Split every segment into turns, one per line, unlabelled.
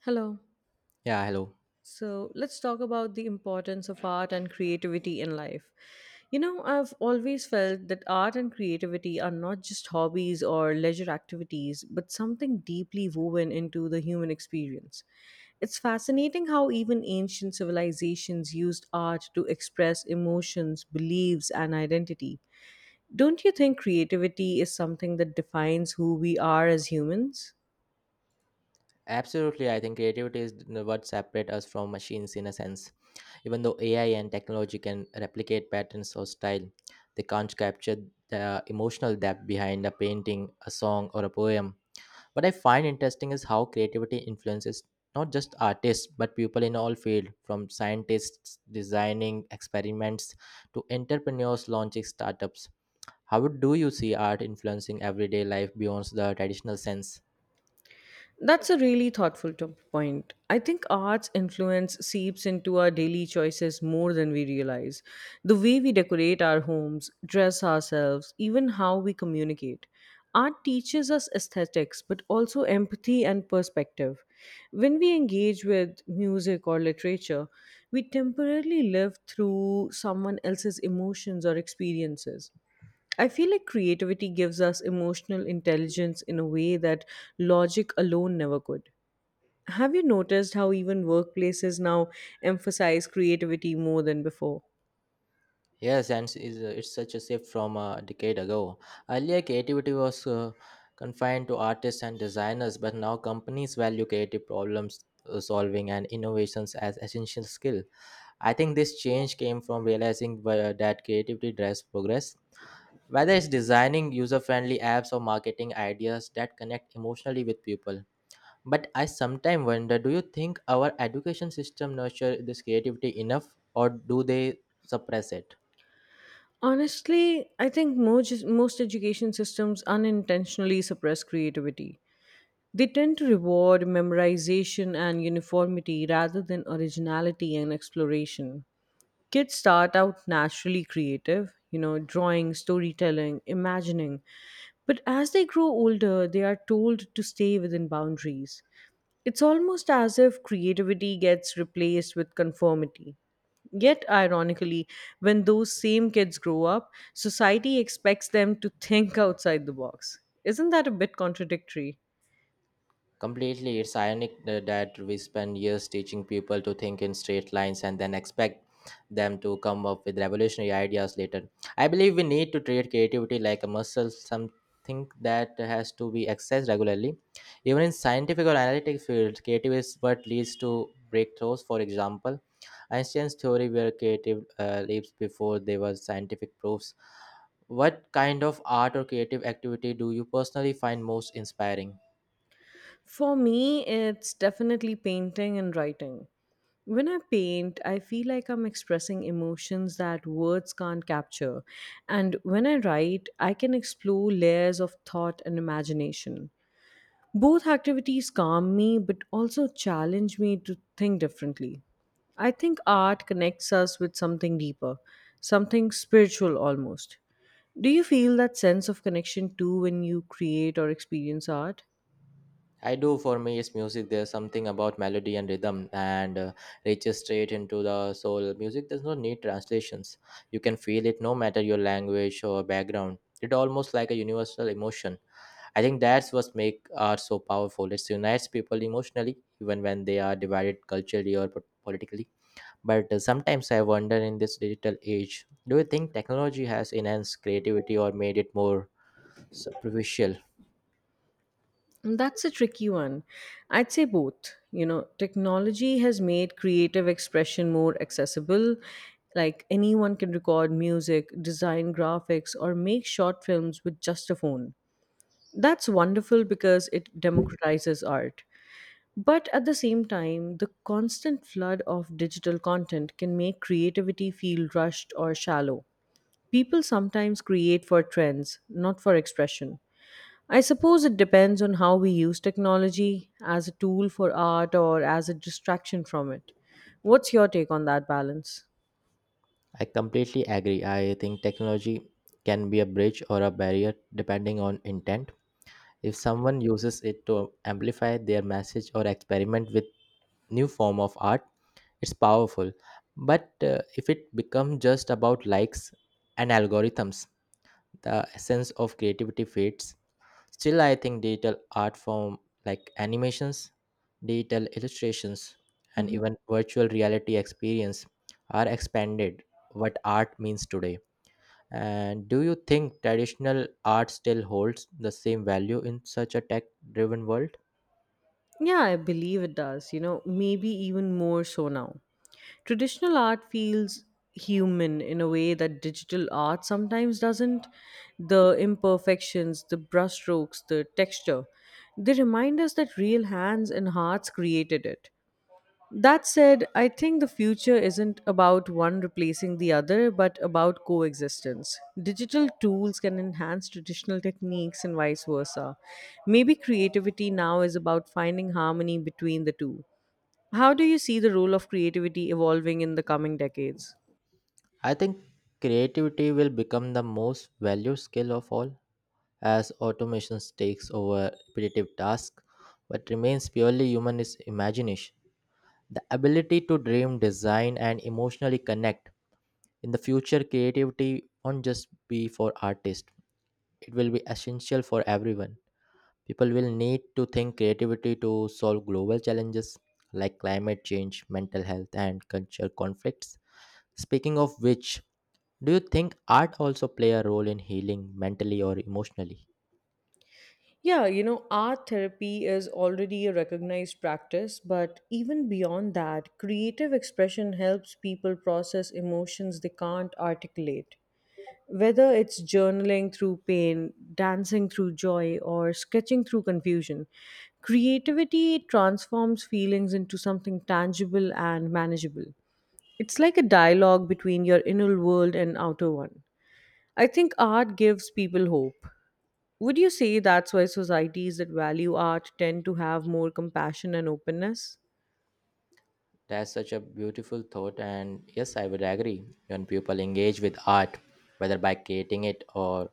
Hello.
Yeah, hello.
So let's talk about the importance of art and creativity in life. You know, I've always felt that art and creativity are not just hobbies or leisure activities, but something deeply woven into the human experience. It's fascinating how even ancient civilizations used art to express emotions, beliefs, and identity. Don't you think creativity is something that defines who we are as humans?
Absolutely, I think creativity is what separates us from machines in a sense. Even though AI and technology can replicate patterns or style, they can't capture the emotional depth behind a painting, a song, or a poem. What I find interesting is how creativity influences not just artists but people in all fields, from scientists designing experiments to entrepreneurs launching startups. How do you see art influencing everyday life beyond the traditional sense?
That's a really thoughtful point. I think art's influence seeps into our daily choices more than we realize. The way we decorate our homes, dress ourselves, even how we communicate. Art teaches us aesthetics, but also empathy and perspective. When we engage with music or literature, we temporarily live through someone else's emotions or experiences. I feel like creativity gives us emotional intelligence in a way that logic alone never could. Have you noticed how even workplaces now emphasize creativity more than before?
Yes, and s- is it's such a shift from a decade ago. Earlier, creativity was confined to artists and designers, but now companies value creative problems solving and innovations as essential skill. I think this change came from realizing that creativity drives progress whether it's designing user friendly apps or marketing ideas that connect emotionally with people. But I sometimes wonder, do you think our education system nurture this creativity enough or do they suppress it?
Honestly, I think most education systems unintentionally suppress creativity. They tend to reward memorization and uniformity rather than originality and exploration. Kids start out naturally creative, you know, drawing, storytelling, imagining, but as they grow older, they are told to stay within boundaries. It's almost as if creativity gets replaced with conformity. Yet, ironically, when those same kids grow up, society expects them to think outside the box. Isn't that a bit contradictory?
Completely, it's ironic that we spend years teaching people to think in straight lines and then expect them to come up with revolutionary ideas later. I believe we need to treat creativity like a muscle, something that has to be exercised regularly. Even in scientific or analytic fields, creative is what leads to breakthroughs. For example, Einstein's theory were creative leaps before they were scientific proofs. What kind of art or creative activity do you personally find most inspiring?
For me, it's definitely painting and writing. When I paint, I feel like I'm expressing emotions that words can't capture. And when I write, I can explore layers of thought and imagination. Both activities calm me, but also challenge me to think differently. I think art connects us with something deeper, something spiritual almost. Do you feel that sense of connection too when you create or experience art?
I do, for me is music. There's something about melody and rhythm and reaches straight into the soul. Music does not need translations. You can feel it no matter your language or background. It's almost like a universal emotion. I think that's what make art so powerful. It unites people emotionally, even when they are divided culturally or politically. But sometimes I wonder, in this digital age, do you think technology has enhanced creativity or made it more superficial?
That's a tricky one. I'd say both. You know, technology has made creative expression more accessible. Like anyone can record music, design graphics, or make short films with just a phone. That's wonderful because it democratizes art. But at the same time, the constant flood of digital content can make creativity feel rushed or shallow. People sometimes create for trends, not for expression. I suppose it depends on how we use technology as a tool for art or as a distraction from it. What's your take on that balance?
I completely agree. I think technology can be a bridge or a barrier depending on intent. If someone uses it to amplify their message or experiment with new form of art, it's powerful. But if it becomes just about likes and algorithms, the essence of creativity fades. Still, I think digital art form like animations, digital illustrations, and
Mhm.
even virtual reality experience are expanded what art means today. And do you think traditional art still holds the same value in such a tech driven world?
Yeah, I believe it does. You know, maybe even more so now. Traditional art feels human in a way that digital art sometimes doesn't. The imperfections, the brushstrokes, the texture, they remind us that real hands and hearts created it. That said, I think the future isn't about one replacing the other, but about coexistence. Digital tools can enhance traditional techniques and vice versa. Maybe creativity now is about finding harmony between the two. How do you see the role of creativity evolving in the coming decades?
I think creativity will become the most valued skill of all as automation takes over repetitive tasks. What remains purely human is imagination. The ability to dream, design, and emotionally connect. In the future, creativity won't just be for artists, it will be essential for everyone. People will need to think creativity to solve global challenges like climate change, mental health, and cultural conflicts. Speaking of which, do you think art also play a role in healing mentally or emotionally?
Yeah, you know, art therapy is already a recognized practice, but even beyond that, creative expression helps people process emotions they can't articulate. Whether it's journaling through pain, dancing through joy, or sketching through confusion, creativity transforms feelings into something tangible and manageable. It's like a dialogue between your inner world and outer one. I think art gives people hope. Would you say that's why societies that value art tend to have more compassion and openness?
That's such a beautiful thought, and yes, I would agree. When people engage with art, whether by creating it or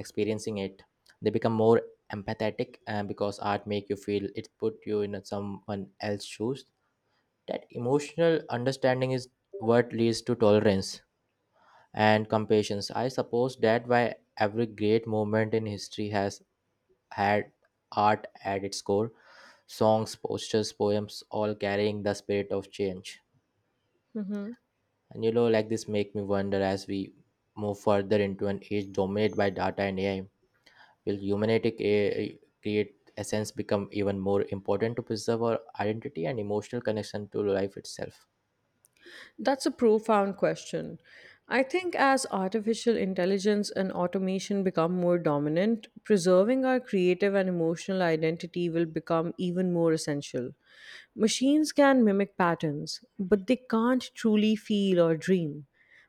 experiencing it, they become more empathetic, and because art make you feel, it put you in someone else's shoes. That emotional understanding is what leads to tolerance and compassion. I suppose that why every great moment in history has had art at its core, songs, posters, poems, all carrying the spirit of change.
Hmm.
And you know, like, this make me wonder, as we move further into an age dominated by data and ai, will humanity create essence become even more important to preserve our identity and emotional connection to life itself?
That's a profound question. I think as artificial intelligence and automation become more dominant, preserving our creative and emotional identity will become even more essential. Machines can mimic patterns, but they can't truly feel or dream.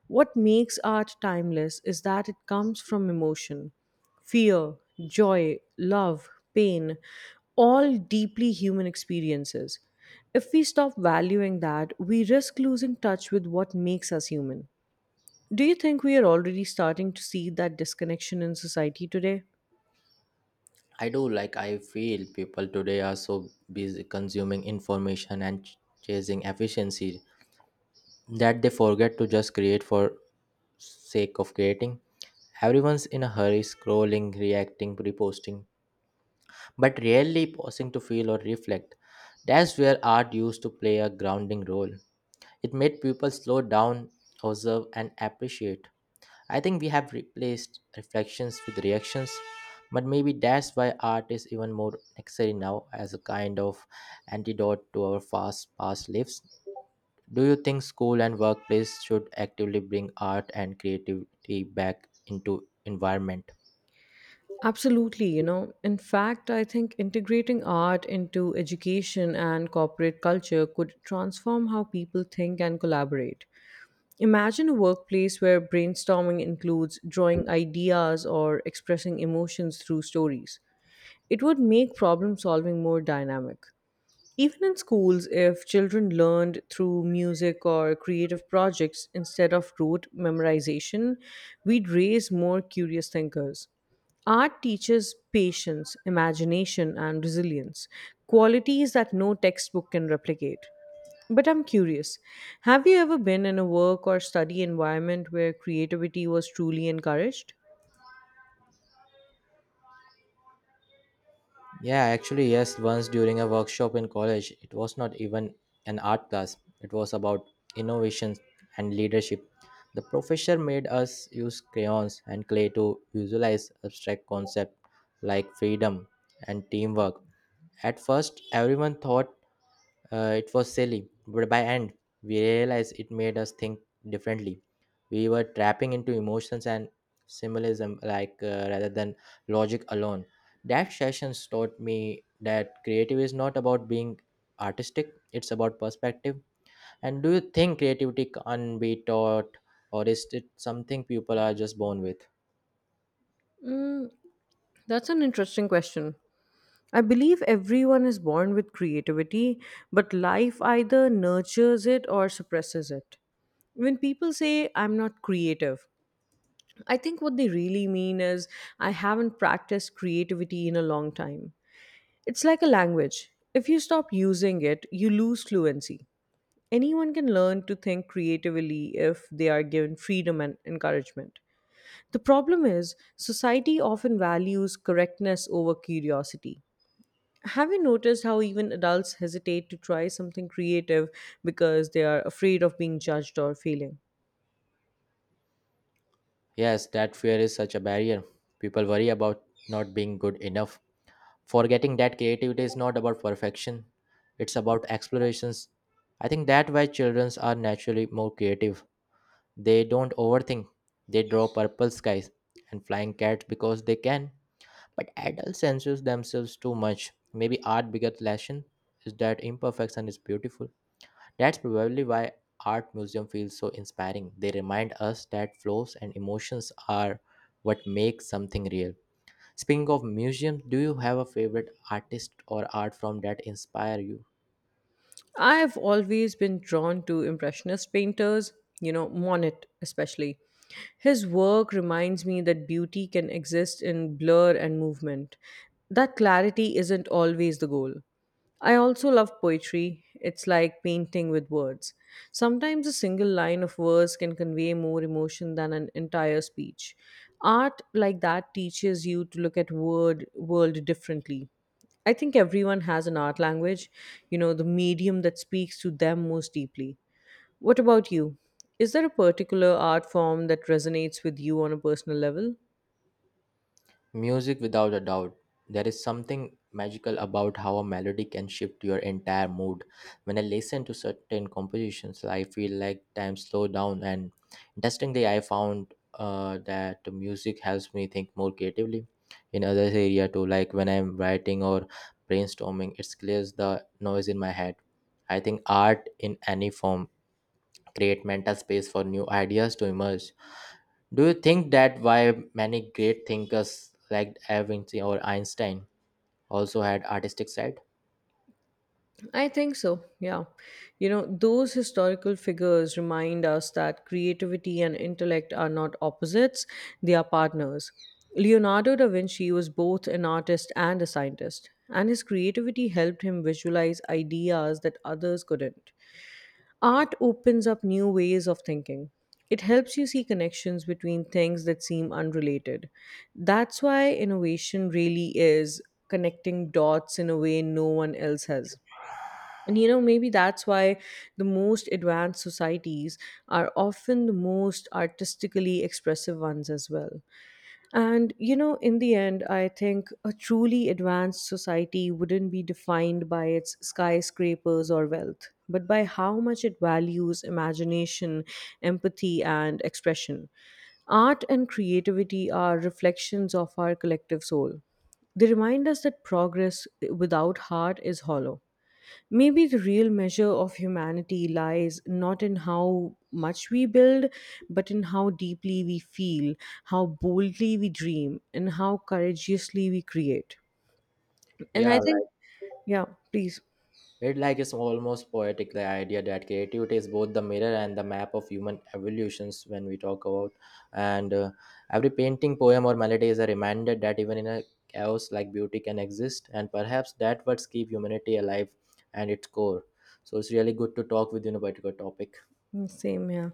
What makes art timeless is that it comes from emotion, fear, joy, love, pain, all deeply human experiences. If we stop valuing that, we risk losing touch with what makes us human. Do you think we are already starting to see that disconnection in society today?
I do, like, I feel people today are so busy consuming information and chasing efficiency that they forget to just create for sake of creating. Everyone's in a hurry, scrolling, reacting, reposting, but rarely pausing to feel or reflect. That's where art used to play a grounding role. It made people slow down, observe and appreciate. I think we have replaced reflections with reactions, but maybe that's why art is even more necessary now as a kind of antidote to our fast past lives. Do you think school and workplace should actively bring art and creativity back into environment?
Absolutely, you know. In fact, I think integrating art into education and corporate culture could transform how people think and collaborate. Imagine a workplace where brainstorming includes drawing ideas or expressing emotions through stories. It would make problem solving more dynamic. Even in schools, if children learned through music or creative projects instead of rote memorization, we'd raise more curious thinkers. Art teaches patience, imagination, and resilience, qualities that no textbook can replicate. But I'm curious, have you ever been in a work or study environment where creativity was truly encouraged?
Yeah, actually, yes. Once during a workshop in college, it was not even an art class, it was about innovations and leadership. The professor made us use crayons and clay to visualize abstract concepts like freedom and teamwork. At first, everyone thought it was silly, but by end we realized it made us think differently. We were trapping into emotions and symbolism, rather than logic alone. That sessions taught me that creative is not about being artistic; it's about perspective. And do you think creativity can be taught, or is it something people are just born with?
Hmm, that's an interesting question. I believe everyone is born with creativity, but life either nurtures it or suppresses it. When people say, I'm not creative, I think what they really mean is, I haven't practiced creativity in a long time. It's like a language. If you stop using it, you lose fluency. Anyone can learn to think creatively if they are given freedom and encouragement. The problem is, society often values correctness over curiosity. Have you noticed how even adults hesitate to try something creative because they are afraid of being judged or failing?
Yes, that fear is such a barrier. People worry about not being good enough, forgetting that creativity is not about perfection, it's about explorations. I think that why children are naturally more creative, they don't overthink, they draw purple skies and flying cats because they can, but adults censor themselves too much. Maybe art biggest lesson is that imperfection is beautiful. That's probably why art museum feels so inspiring, they remind us that flaws and emotions are what make something real. Speaking of museums, do you have a favorite artist or art form that inspire you?
I've always been drawn to Impressionist painters, you know, Monet especially. His work reminds me that beauty can exist in blur and movement, that clarity isn't always the goal. I also love poetry. It's like painting with words. Sometimes a single line of verse can convey more emotion than an entire speech. Art like that teaches you to look at word world differently. I think everyone has an art language, you know, the medium that speaks to them most deeply. What about you? Is there a particular art form that resonates with you on a personal level?
Music, without a doubt. There is something magical about how a melody can shift your entire mood. When I listen to certain compositions, I feel like time slow down, and interestingly I found that the music helps me think more creatively in other area too, like when I'm writing or brainstorming, it clears the noise in my head. I think art in any form create mental space for new ideas to emerge. Do you think that why many great thinkers like Da Vinci or Einstein also had artistic side?
I think so, yeah. You know, those historical figures remind us that creativity and intellect are not opposites, they are partners. Leonardo da Vinci was both an artist and a scientist, and his creativity helped him visualize ideas that others couldn't. Art opens up new ways of thinking. It helps you see connections between things that seem unrelated. That's why innovation really is connecting dots in a way no one else has. And you know, maybe that's why the most advanced societies are often the most artistically expressive ones as well. And, you know, in the end, I think a truly advanced society wouldn't be defined by its skyscrapers or wealth, but by how much it values imagination, empathy, and expression. Art and creativity are reflections of our collective soul. They remind us that progress without heart is hollow. Maybe the real measure of humanity lies not in how much we build, but in how deeply we feel, how boldly we dream, and how courageously we create. And
Yeah,
I think,
like
yeah, please.
it's almost poetic, the idea that creativity is both the mirror and the map of human evolutions when we talk about, and every painting, poem or melody is a reminder that even in a chaos like beauty can exist, and perhaps that what keep humanity alive and its core. So it's really good to talk with you on a particular topic.
Mm, same, yeah.